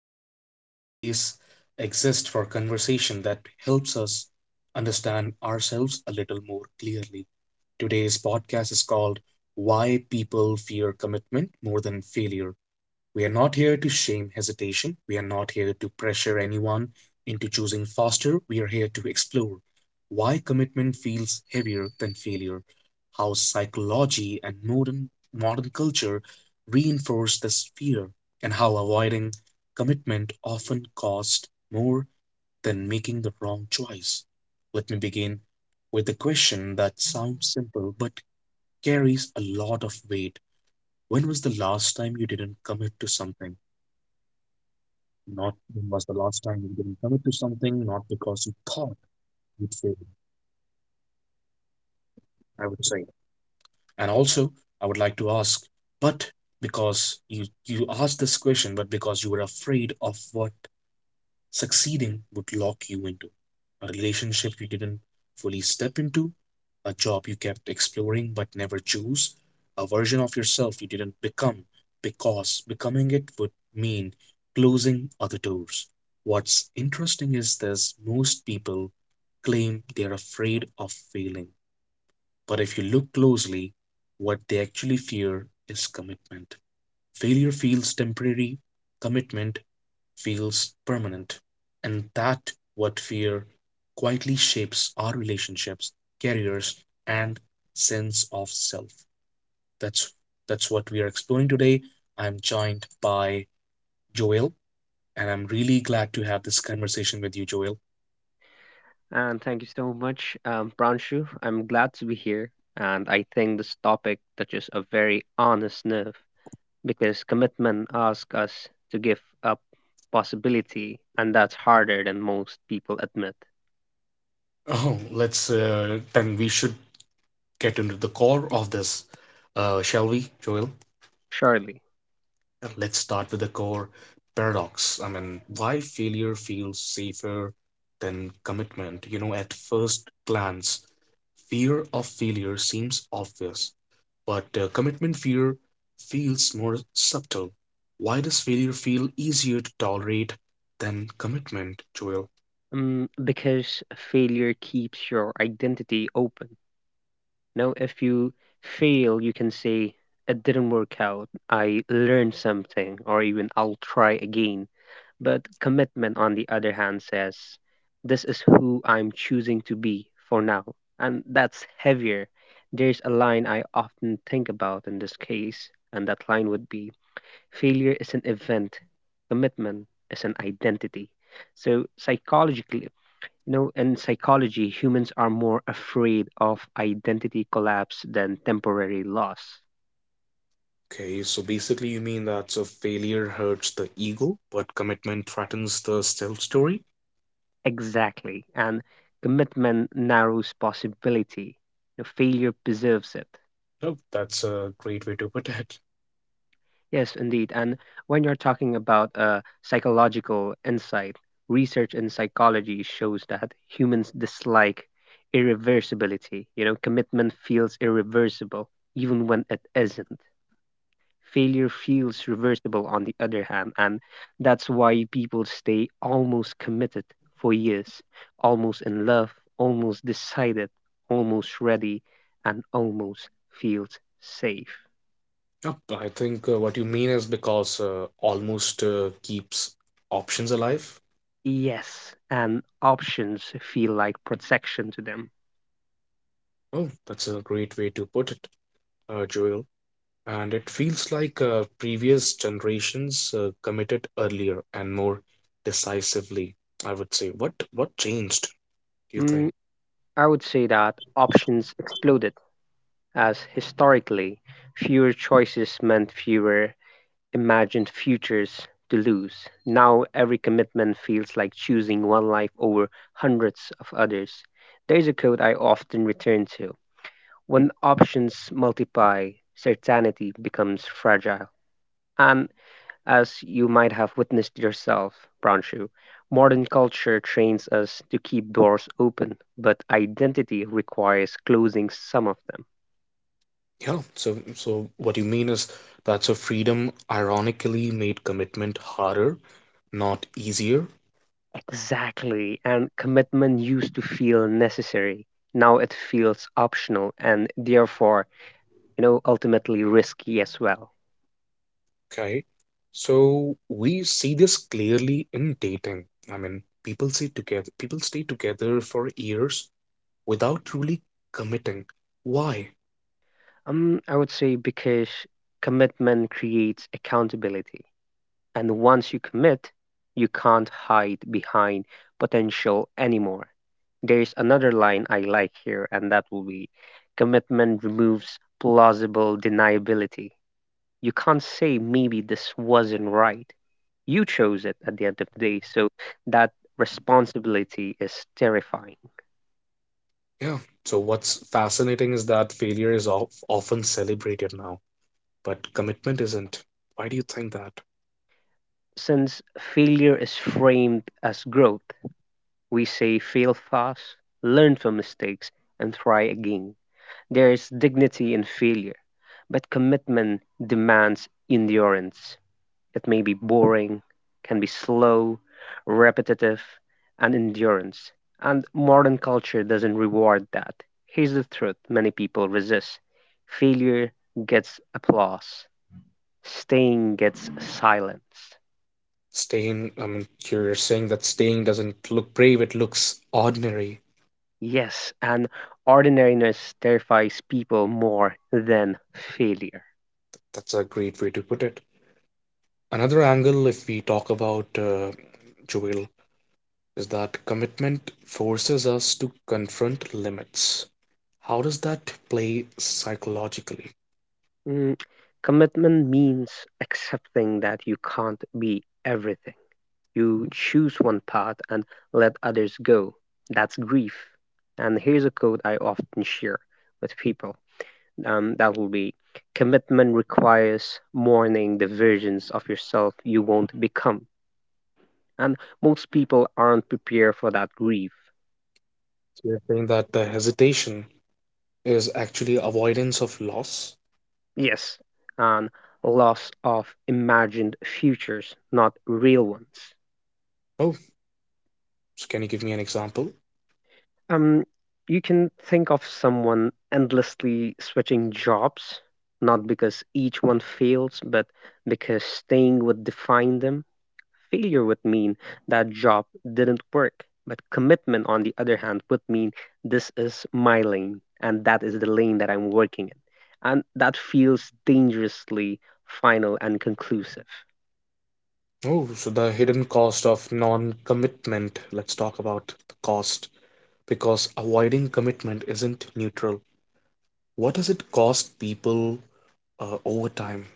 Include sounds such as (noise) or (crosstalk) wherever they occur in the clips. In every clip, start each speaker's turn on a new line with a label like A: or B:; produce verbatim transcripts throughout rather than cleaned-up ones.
A: and this place exists for conversation that helps us understand ourselves a little more clearly. Today's podcast is called Why People Fear Commitment More Than Failure. We are not here to shame hesitation. We are not here to pressure anyone into choosing faster. We are here to explore why commitment feels heavier than failure, how psychology and modern, modern culture reinforce this fear, and how avoiding commitment often costs more than making the wrong choice. Let me begin with a question that sounds simple but carries a lot of weight. When was the last time you didn't commit to something? Not when was the last time you didn't commit to something, not because you thought you'd fail, I would say. And also, I would like to ask, but because you you asked this question, but because you were afraid of what succeeding would lock you into: a relationship you didn't fully step into, a job you kept exploring but never chose, a version of yourself you didn't become because becoming it would mean closing other doors. What's interesting is this: most people claim they're afraid of failing. But if you look closely, what they actually fear is commitment. Failure feels temporary, commitment feels permanent, and that what fear quietly shapes our relationships, careers, and sense of self. That's that's what we are exploring today. I'm joined by Joel, and I'm really glad to have this conversation with you, Joel.
B: And thank you so much, um, Pranshu. I'm glad to be here. And I think this topic touches a very honest nerve because commitment asks us to give up possibility, and that's harder than most people admit,
A: Oh, let's uh, then we should get into the core of this, uh, shall we, Joel?
B: surely.
A: And let's start with the core paradox. I mean, why failure feels safer than commitment? You know, at first glance, fear of failure seems obvious, but uh, commitment fear feels more subtle. Why does failure feel easier to tolerate than commitment, Joel?
B: Um, because failure keeps your identity open. Now, if you fail, you can say, "It didn't work out, I learned something," or even, "I'll try again." But commitment, on the other hand, says, "This is who I'm choosing to be for now." And that's heavier. There's a line I often think about in this case, and that line would be: failure is an event, commitment is an identity. So, psychologically, you know, in psychology, humans are more afraid of identity collapse than temporary loss.
A: Okay, so basically, you mean that so failure hurts the ego, but commitment threatens the self story?
B: Exactly. And commitment narrows possibility, the failure preserves it.
A: No, that's a great way to put it.
B: Yes, indeed. And when you're talking about uh, psychological insight, research in psychology shows that humans dislike irreversibility. You know, commitment feels irreversible, even when it isn't. Failure feels reversible, on the other hand. And that's why people stay almost committed for years, almost in love, almost decided, almost ready, and almost feels safe.
A: Yep, I think uh, what you mean is because uh, almost uh, keeps options alive.
B: Yes, and options feel like protection to them.
A: Oh, that's a great way to put it, uh, Joel. And it feels like uh, previous generations uh, committed earlier and more decisively. I would say, what what changed, do you think?
B: Mm, I would say that options exploded as historically, fewer choices meant fewer imagined futures to lose. Now every commitment feels like choosing one life over hundreds of others. There is a quote I often return to: when options multiply, certainty becomes fragile. And as you might have witnessed yourself, Pranshu, modern culture trains us to keep doors open, but identity requires closing some of them.
A: Yeah, so so what you mean is that's a freedom ironically made commitment harder, not easier.
B: Exactly, and commitment used to feel necessary. Now it feels optional and therefore, you know, ultimately risky as well.
A: Okay. So we see this clearly in dating. I mean, people stay together, people stay together for years without truly committing. Why?
B: Um, I would say because commitment creates accountability. And once you commit, you can't hide behind potential anymore. There's another line I like here, and that will be: commitment removes plausible deniability. You can't say maybe this wasn't right. You chose it at the end of the day, so that responsibility is terrifying.
A: Yeah. So what's fascinating is that failure is of, often celebrated now, but commitment isn't. Why do you think that?
B: Since failure is framed as growth, we say fail fast, learn from mistakes, and try again. There is dignity in failure, but commitment demands endurance. It may be boring, can be slow, repetitive, and endurance. And modern culture doesn't reward that. Here's the truth many people resist: failure gets applause, staying gets silence.
A: Staying, I mean, you're saying that staying doesn't look brave, it looks ordinary.
B: Yes, and ordinariness terrifies people more than failure.
A: That's a great way to put it. Another angle, if we talk about uh, Joel, is that commitment forces us to confront limits. How does that play psychologically?
B: Mm, commitment means accepting that you can't be everything. You choose one path and let others go. That's grief. And here's a quote I often share with people. Um, that will be: commitment requires mourning the versions of yourself you won't become. And most people aren't prepared for that grief.
A: So you're saying that the hesitation is actually avoidance of loss?
B: Yes, and loss of imagined futures, not real ones.
A: Oh, so can you give me an example?
B: Um, you can think of someone endlessly switching jobs, not because each one fails, but because staying would define them. Failure would mean that job didn't work, but commitment, on the other hand, would mean this is my lane and that is the lane that I'm working in. And that feels dangerously final and conclusive.
A: Oh, so the hidden cost of non commitment. Let's talk about the cost because avoiding commitment isn't neutral. What does it cost people uh, over time?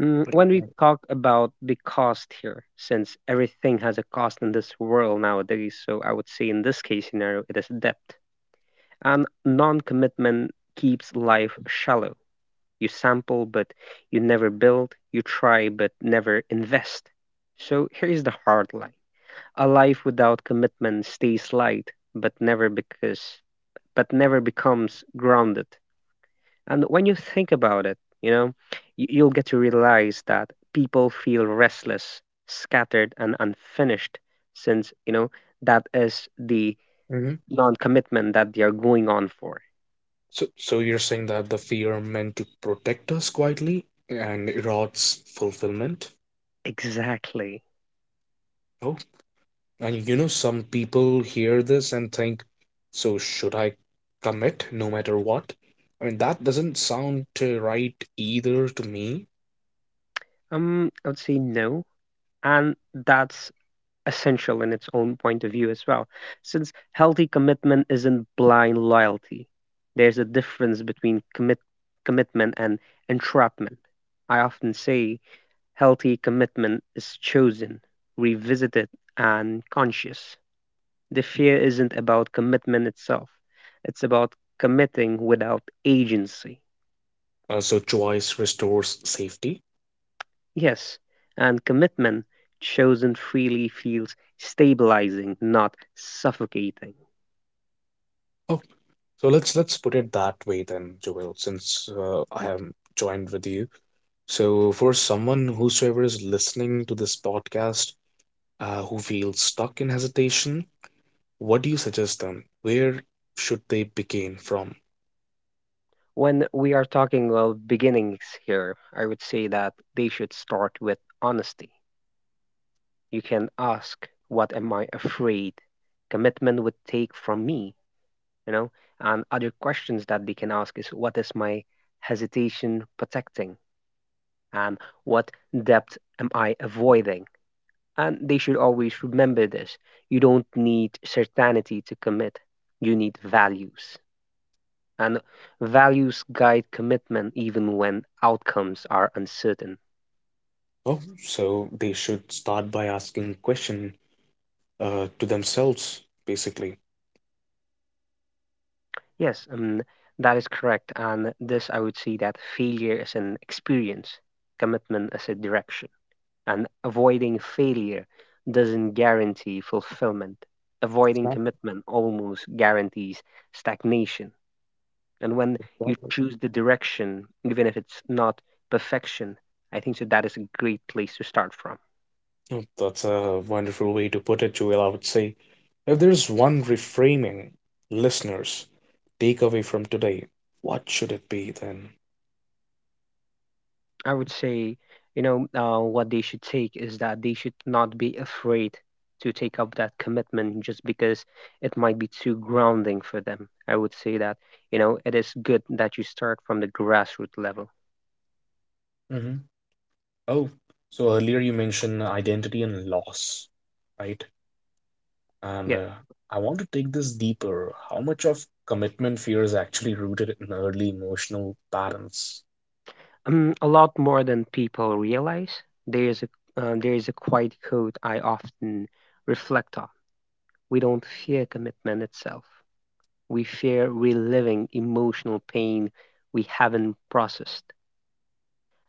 B: Mm,
A: What do
B: when we
A: you
B: talk about the cost here, since everything has a cost in this world nowadays, so I would say in this case scenario, it is debt. And non commitment keeps life shallow. You sample, but you never build. You try, but never invest. So here's the hard line: a life without commitment stays light, but never because but never becomes grounded. And when you think about it, you know, y- you'll get to realize that people feel restless, scattered, and unfinished since, you know, that is the
A: think?
B: non commitment that they are going on for.
A: So, so you're saying that the fear meant to protect us quietly and erodes fulfillment?
B: Exactly.
A: Oh, and you know, some people hear this and think, so should I commit no matter what? I mean, that doesn't sound uh, right either to me.
B: Um, I would say no. And that's essential in its own point of view as well. Since healthy commitment isn't blind loyalty, there's a difference between commit commitment and entrapment. I often say: healthy commitment is chosen, revisited, and conscious. The fear isn't about commitment itself, it's about committing without agency.
A: Uh, so choice restores safety.
B: Yes, and commitment chosen freely feels stabilizing, not suffocating.
A: Oh, so let's let's put it that way then, Joel, since uh, I am joined with you. So for someone whosoever is listening to this podcast, uh, who feels stuck in hesitation, what do you suggest them? Where should they begin from?
B: When we are talking of beginnings here, I would say that they should start with honesty. You can ask, "What am I afraid commitment would take from me?" You know, and other questions that they can ask is, what is my hesitation protecting, and what depth am I avoiding? And they should always remember this: you don't need certainty to commit, you need values. And values guide commitment even when outcomes are uncertain.
A: Oh, so they should start by asking question uh, to themselves, basically.
B: Yes, um, that is correct. And this, I would say, that failure is an experience, commitment is a direction. And avoiding failure doesn't guarantee fulfillment. Avoiding
A: Exactly.
B: commitment almost guarantees stagnation. And when you
A: Exactly.
B: choose the direction, even if it's not perfection, I think so that is a great place to start from.
A: Oh, that's a wonderful way to put it, Joel. I would say if there's one reframing listeners take away from today, what should it be then?
B: I would say, you know, uh, what they should take is that they should not be afraid to take up that commitment just because it might be too grounding for them. I would say that, you know, it is good that you start from the grassroots level.
A: Hmm. Oh, so earlier you mentioned identity and loss, right? And
B: Yeah.
A: uh, I want to take this deeper. How much of commitment fear is actually rooted in early emotional patterns?
B: Um, a lot more than people realize. There is a um, there is a quiet code I often reflect on. We don't fear commitment itself. We fear reliving emotional pain we haven't processed.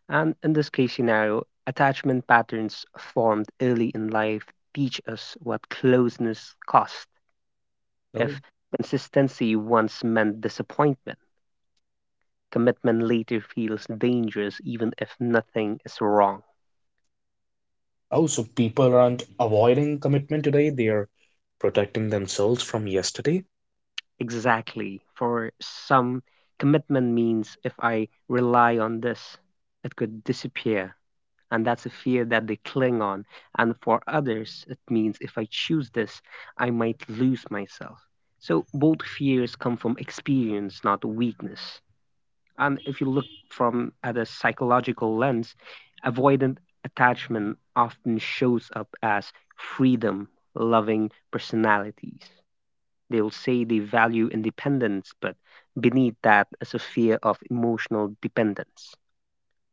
B: And in this case scenario, attachment patterns formed early in life teach us what closeness costs.
A: No.
B: If consistency once meant disappointment, commitment later feels dangerous even if nothing is wrong.
A: Oh, so people aren't avoiding commitment today, they are protecting themselves from yesterday.
B: Exactly. For some, commitment means if I rely on this, it could disappear. And that's a fear that they cling on. And for others, it means if I choose this, I might lose myself. So both fears come from experience, not weakness. And if you look from at a psychological lens, avoidant attachment often shows up as freedom loving personalities. They will say they value independence, but beneath that is a fear of emotional dependence.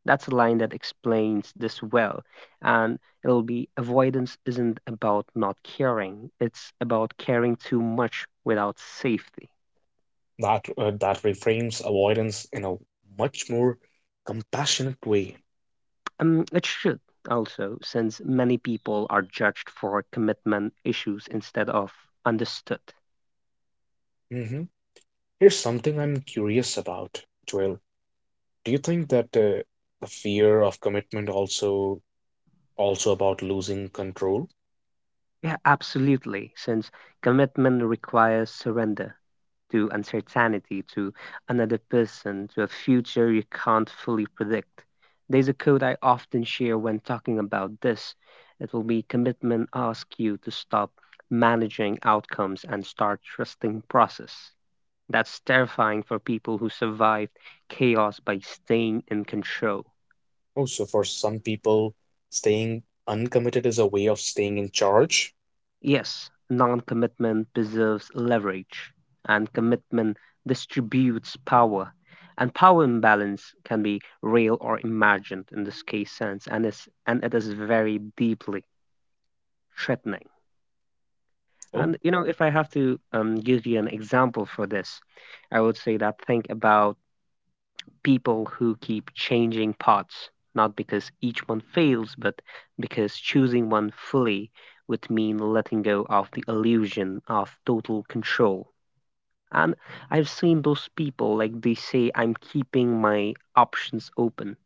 B: That's a line that explains this well. And it'll be: avoidance isn't about not caring, it's about caring too much without safety.
A: That uh, that reframes avoidance in a much more compassionate way.
B: Um, it should also, since many people are judged for commitment issues instead of understood.
A: Mm-hmm. Here's something I'm curious about, Joel. Do you think that uh, the fear of commitment also also about losing control?
B: Yeah, absolutely, since commitment requires surrender to uncertainty, to another person, to a future you can't fully predict. There's a quote I often share when talking about this. It will be: commitment asks you to stop managing outcomes and start trusting process. That's terrifying for people who survived chaos by staying in control.
A: Oh, so for some people, staying uncommitted is a way of staying in charge.
B: Yes, non-commitment preserves leverage, and commitment distributes power. And power imbalance can be real or imagined in this case sense, and is and it is very deeply threatening.
A: Oh,
B: And you know, if I have to um, give you an example for this, I would say that think about people who keep changing paths, not because each one fails, but because choosing one fully would mean letting go of the illusion of total control. And I've seen those people, like they say, "I'm keeping my options open."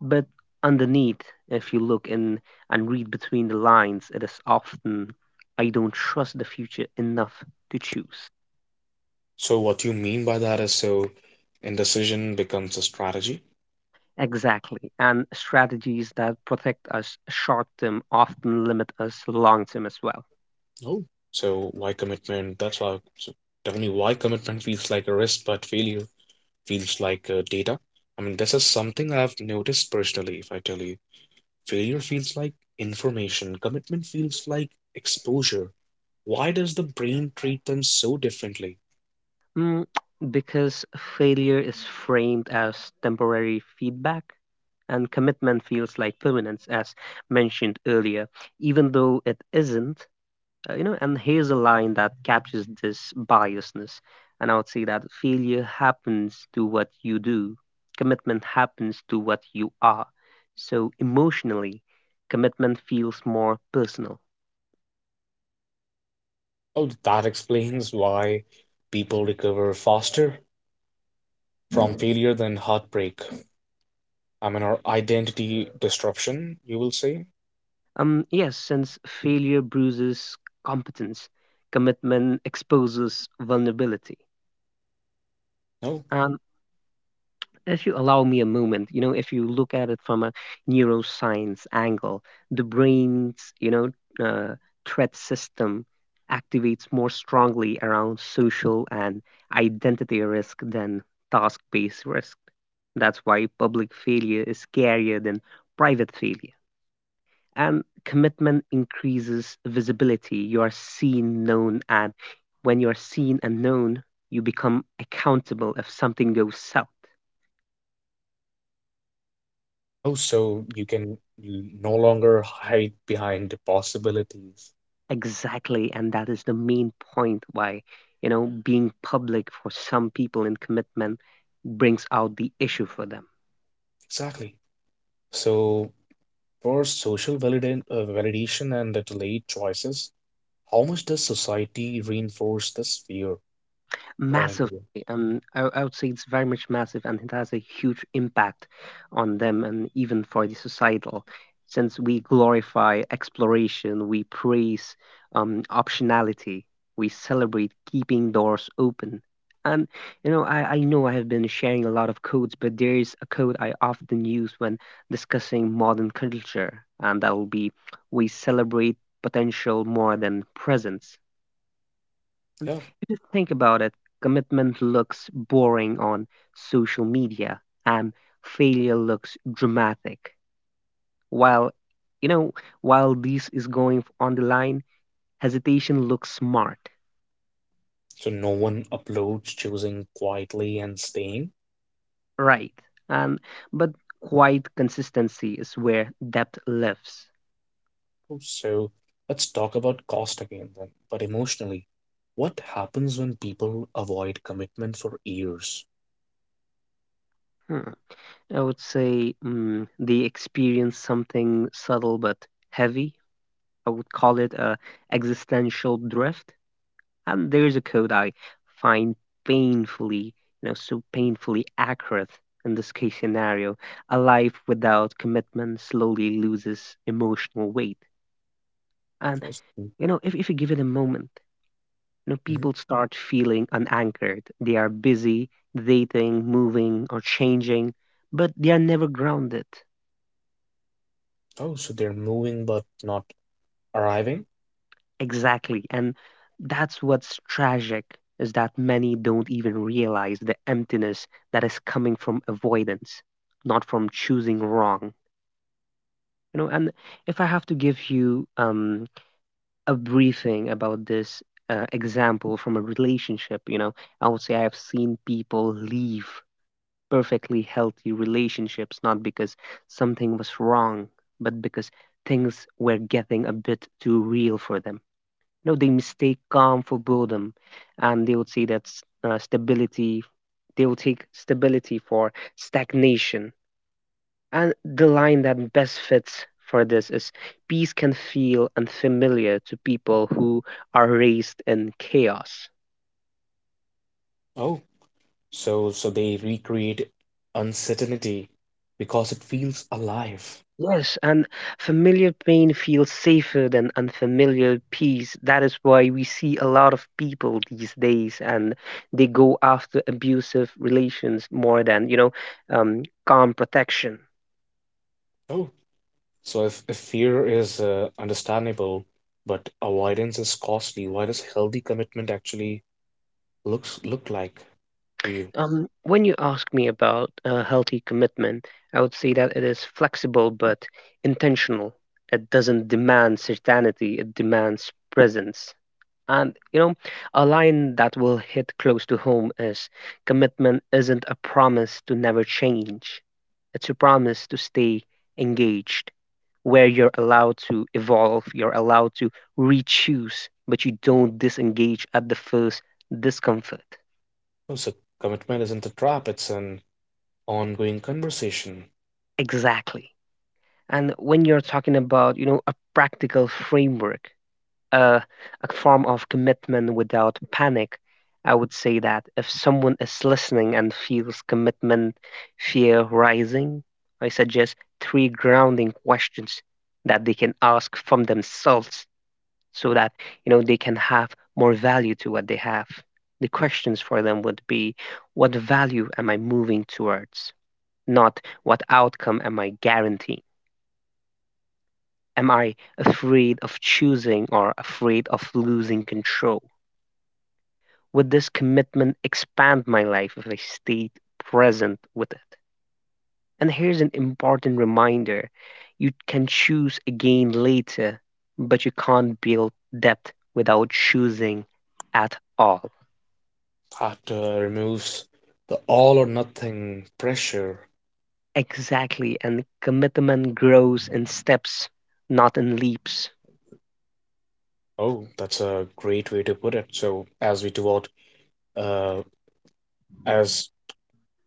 B: But underneath, if you look in and read between the lines, it is often, I don't trust the future enough to choose.
A: so what you mean by that is so indecision becomes a strategy.
B: Exactly. And strategies that protect us short term often limit us long term as well.
A: Oh, so why commitment? That's why. So tell me why commitment feels like a risk, but failure feels like uh, data. I mean, this is something I've noticed personally, if I tell you. Failure feels like information, commitment feels like exposure. Why does the brain treat them so differently?
B: Mm, because failure is framed as temporary feedback and commitment feels like permanence, as mentioned earlier, even though it isn't. Uh, you know, and here's a line that captures this biasness. And I would say that failure happens to what you do, commitment happens to what you are. So emotionally, commitment feels more personal.
A: Oh, that explains why people recover faster from failure than heartbreak. I mean, or identity disruption, you will say?
B: Um, yes, since failure bruises competence, commitment exposes vulnerability.
A: No.
B: If you allow me a moment, you know, if you look at it from a neuroscience angle, the brain's, you know, uh, threat system activates more strongly around social and identity risk than task based risk. That's why public failure is scarier than private failure. And commitment increases visibility. You are seen, known, and when you are seen and known, you become accountable if something goes south.
A: Oh, so you can l- no longer hide behind possibilities.
B: Exactly, and that is the main point why, you know, being public for some people in commitment brings out the issue for them.
A: Exactly. So, for social valida- uh, validation and the delayed choices, how much does society reinforce this fear, according to
B: Massive.
A: you?
B: Um, I, I would say it's very much massive, and it has a huge impact on them, and even for the societal. Since we glorify exploration, we praise um, optionality, we celebrate keeping doors open. And you know, I, I know I have been sharing a lot of codes, but there is a code I often use when discussing modern culture, and that will be: we celebrate potential more than presence. And
A: Yeah.
B: if you think about it, commitment looks boring on social media and failure looks dramatic. While, you know, while this is going on the line, hesitation looks smart,
A: So no one uploads, choosing quietly and staying.
B: right? And but quiet consistency is where depth lives.
A: Oh, so let's talk about cost again then. But emotionally, what happens when people avoid commitment for years?
B: Hmm. I would say mm, they experience something subtle but heavy. I would call it a existential drift. And there's a code I find painfully, you know, so painfully accurate in this case scenario. A life without commitment slowly loses emotional weight. And,
A: Yes.
B: you know, if, if you give it a moment, you know,
A: Mhm.
B: people start feeling unanchored. They are busy dating, moving, or changing, but they are never grounded.
A: Oh, so they're moving but not arriving?
B: Exactly. And that's what's tragic is that many don't even realize the emptiness that is coming from avoidance, not from choosing wrong. You know, and if I have to give you um, a briefing about this uh, example from a relationship, you know, I would say I have seen people leave perfectly healthy relationships not because something was wrong, but because things were getting a bit too real for them. No, they mistake calm for boredom, and they would say that s- uh, stability. They will take stability for stagnation. And the line that best fits for this is peace can feel unfamiliar to people who are raised in chaos.
A: Oh, so so they recreate uncertainty because it feels alive.
B: Yes, and familiar pain feels safer than unfamiliar peace. That is why we see a lot of people these days, and they go after abusive relations more than, you know, um, calm protection.
A: Oh, so if, if fear is uh, understandable, but avoidance is costly, why does healthy commitment actually looks look like to you?
B: Um, when you ask me about a healthy commitment, I would say that it is flexible but intentional. It doesn't demand certainty, it demands presence. And, you know, a line that will hit close to home is commitment isn't a promise to never change, it's a promise to stay engaged, where you're allowed to evolve, you're allowed to re-choose, but you don't disengage at the first discomfort.
A: Oh, so commitment isn't a trap, it's an ongoing conversation
B: Exactly. And when you're talking about, you know, a practical framework, uh, a form of commitment without panic, I would say that if someone is listening and feels commitment fear rising, I suggest three grounding questions that they can ask from themselves so that, you know, they can have more value to what they have. The questions for them would be what value am I moving towards? Not what outcome am I guaranteeing? Am I afraid of choosing or afraid of losing control? Would this commitment expand my life if I stayed present with it? And here's an important reminder: you can choose again later, but you can't build depth without choosing at all.
A: that uh, removes the all or nothing pressure.
B: Exactly, and commitment grows in steps, not in leaps.
A: Oh, that's a great way to put it. So as we toward uh, as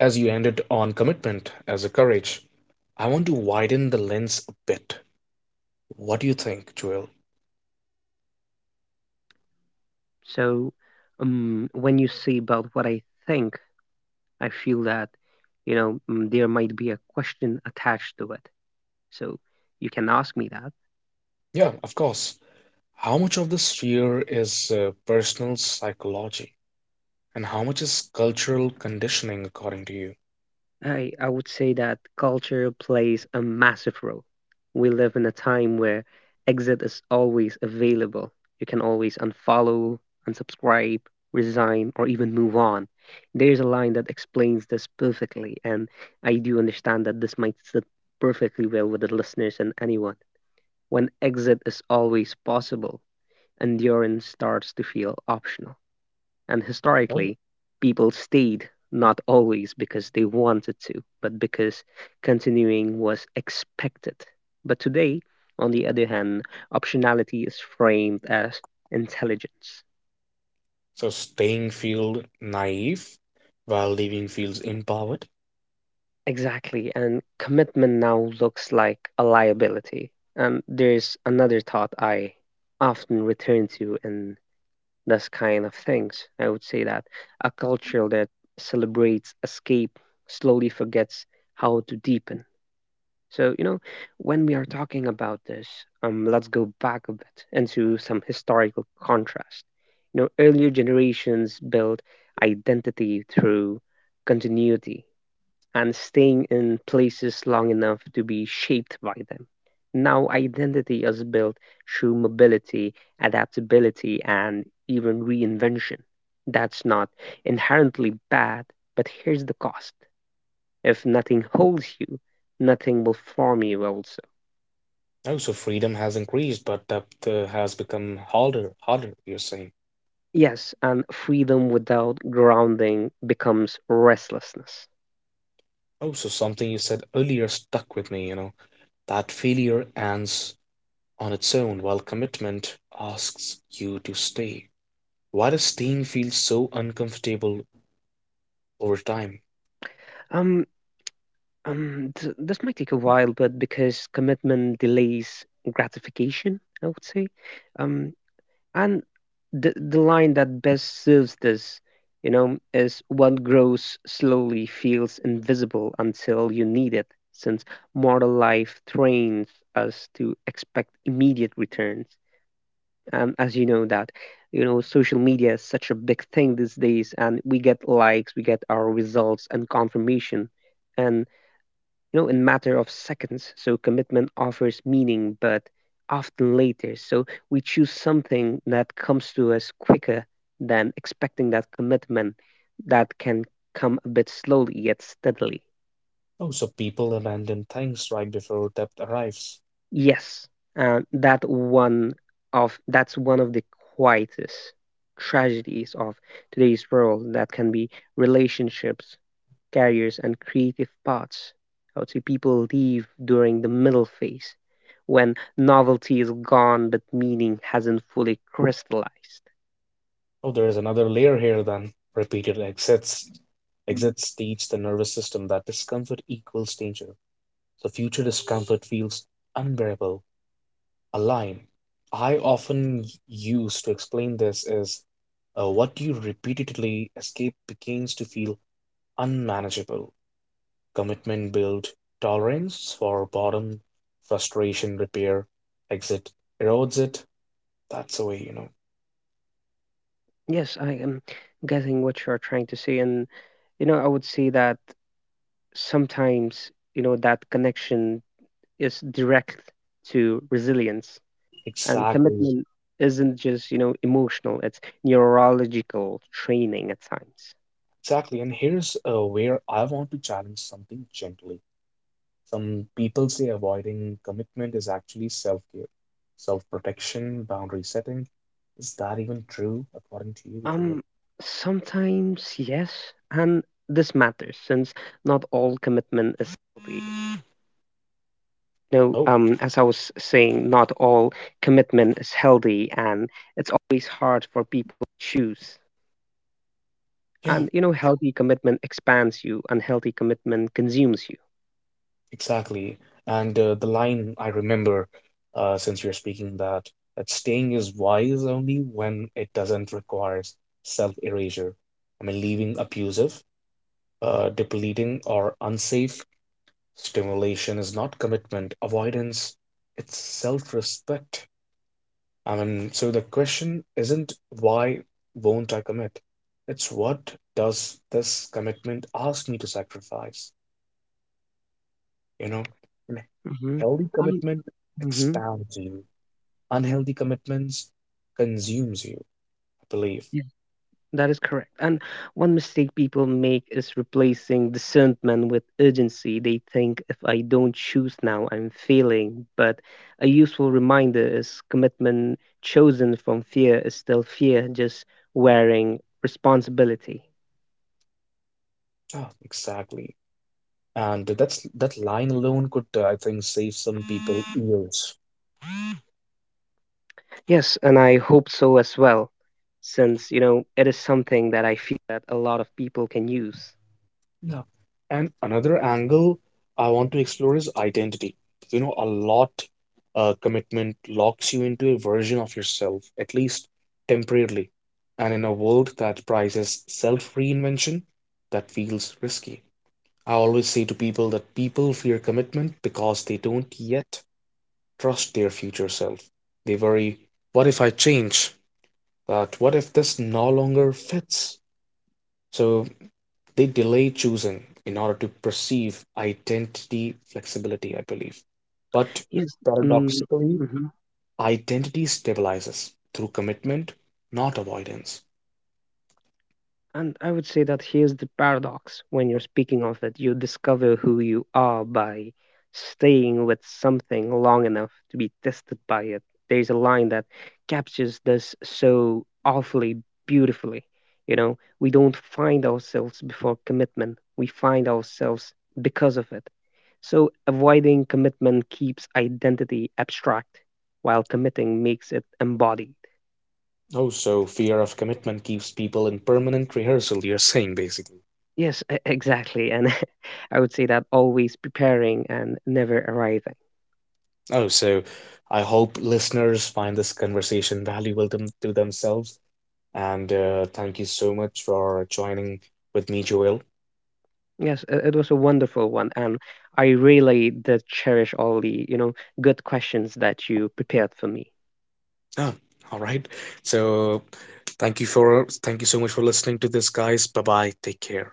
A: as you ended on commitment as a courage, I want to widen the lens a bit. What do you think, Joel?
B: So, um, when you say about what I think, I feel that, you know, mm, there might be a question attached to it. So you can ask me that.
A: Yeah, of course. How much of this fear is uh, personal psychology and how much is cultural conditioning, according to you?
B: I, I would say that culture plays a massive role. We live in a time where exit is always available. You can always unfollow, unsubscribe, resign, or even move on. There's a line that explains this perfectly, and I do understand that this might sit perfectly well with the listeners and anyone. When exit is always possible, endurance starts to feel optional. And
A: Oh,
B: historically, people stayed not always because they wanted to, but because continuing was expected. But today, on the other hand, optionality is framed as intelligence.
A: so staying feels naive while leaving feels empowered.
B: Exactly, and commitment now looks like a liability. And there's another thought I often return to in those kind of things. I would say that a culture that celebrates escape slowly forgets how to deepen. So, you know, when we are talking about this, um, let's go back a bit into some historical contrast. You know, earlier generations built identity through continuity, and staying in places long enough to be shaped by them. Now, identity is built through mobility, adaptability, and even reinvention. That's not inherently bad, but here's the cost. If nothing holds you, nothing will form you, also.
A: Oh, so freedom has increased, but depth uh, has become harder, harder, you're saying.
B: Yes, and freedom without grounding becomes restlessness.
A: Oh, so something you said earlier stuck with me, you know, that failure ends on its own while commitment asks you to stay. Why does staying feel so uncomfortable over time?
B: Um, Um, th- this might take a while, but because commitment delays gratification, I would say. Um, and the the line that best serves this, you know, is what grows slowly feels invisible until you need it, since mortal life trains us to expect immediate returns. And as you know that, you know, social media is such a big thing these days, and we get likes, we get our results and confirmation. And you know, in matter of seconds. So commitment offers meaning, but often later. So we choose something that comes to us quicker than expecting that commitment that can come a bit slowly yet steadily.
A: Oh, so people abandon things right before depth arrives.
B: Yes, and that one of that's one of the quietest tragedies of today's world that can be relationships, careers and creative paths. I would say people leave during the middle phase when novelty is gone but meaning hasn't fully crystallized.
A: Oh, there is another layer here then. Repeated exits. Exits teach the nervous system that discomfort equals danger. So future discomfort feels unbearable, a line. I often use to explain this is uh, what you repeatedly escape begins to feel unmanageable. Commitment build tolerance for bottom, frustration repair, exit erodes it. That's the way, you know.
B: Yes, I am getting what you're trying to say. And, you know, I would say that sometimes, you know, that connection is direct to resilience, and
A: Exactly,
B: commitment isn't just, you know, emotional, it's neurological training at times.
A: exactly. And here's uh, where I want to challenge something gently. Some people say avoiding commitment is actually self-care, self-protection, boundary setting. Is that even true according to you, Julia?
B: Um, Sometimes, yes, and this matters,
A: Oh, yeah,
B: and you know healthy commitment expands you, unhealthy commitment consumes you.
A: exactly. And uh, the line I remember, uh, since you're speaking that that staying is wise only when it doesn't require self-erasure. I mean, leaving abusive, uh, depleting, or unsafe stimulation is not commitment avoidance, it's self-respect. I mean, so the question isn't why won't I commit? It's what does this commitment ask me to sacrifice? You know, and
B: Hmm.
A: healthy
B: um,
A: commitment
B: mhm.
A: expands you. Unhealthy commitments consumes you, I believe.
B: Yeah, that is correct, and one mistake people make is replacing discernment with urgency. They think if I don't choose now I'm failing, but a useful reminder is commitment chosen from fear is still fear, just wearing responsibility.
A: Ah, exactly. And that's that line alone could, uh, I think, save some people years. Yeah. And another angle I want to explore is identity. You know, a lot uh, commitment locks you into a version of yourself, at least temporarily. And in a world that prizes self reinvention, that feels risky. I always say to people that people fear commitment because they don't yet trust their future self. They worry, what if I change? That what if this no longer fits? So they delay choosing in order to perceive identity flexibility, I believe. But
B: Yes. Mm,
A: paradoxically,
B: mhm.
A: identity stabilizes through commitment, not avoidance.
B: And I would say that here's the paradox. When you're speaking of it, you discover who you are by staying with something long enough to be tested by it. There's a line that captures this so awfully beautifully. You know, we don't find ourselves before commitment, we find ourselves because of it. So avoiding commitment keeps identity abstract, while committing makes it embodied.
A: Oh, so fear of commitment keeps people in permanent rehearsal, you're saying basically.
B: Yes, e- exactly. And (laughs) I would say that always preparing and never arriving.
A: Oh, so I hope listeners find this conversation valuable them, to themselves. And uh, thank you so much for joining with me, Joel.
B: Yes, i- it was a wonderful one. And I really did cherish all the, you know, good questions that you prepared for me.
A: Oh, all right. So thank you for thank you so much for listening to this, guys. Bye bye. Take care.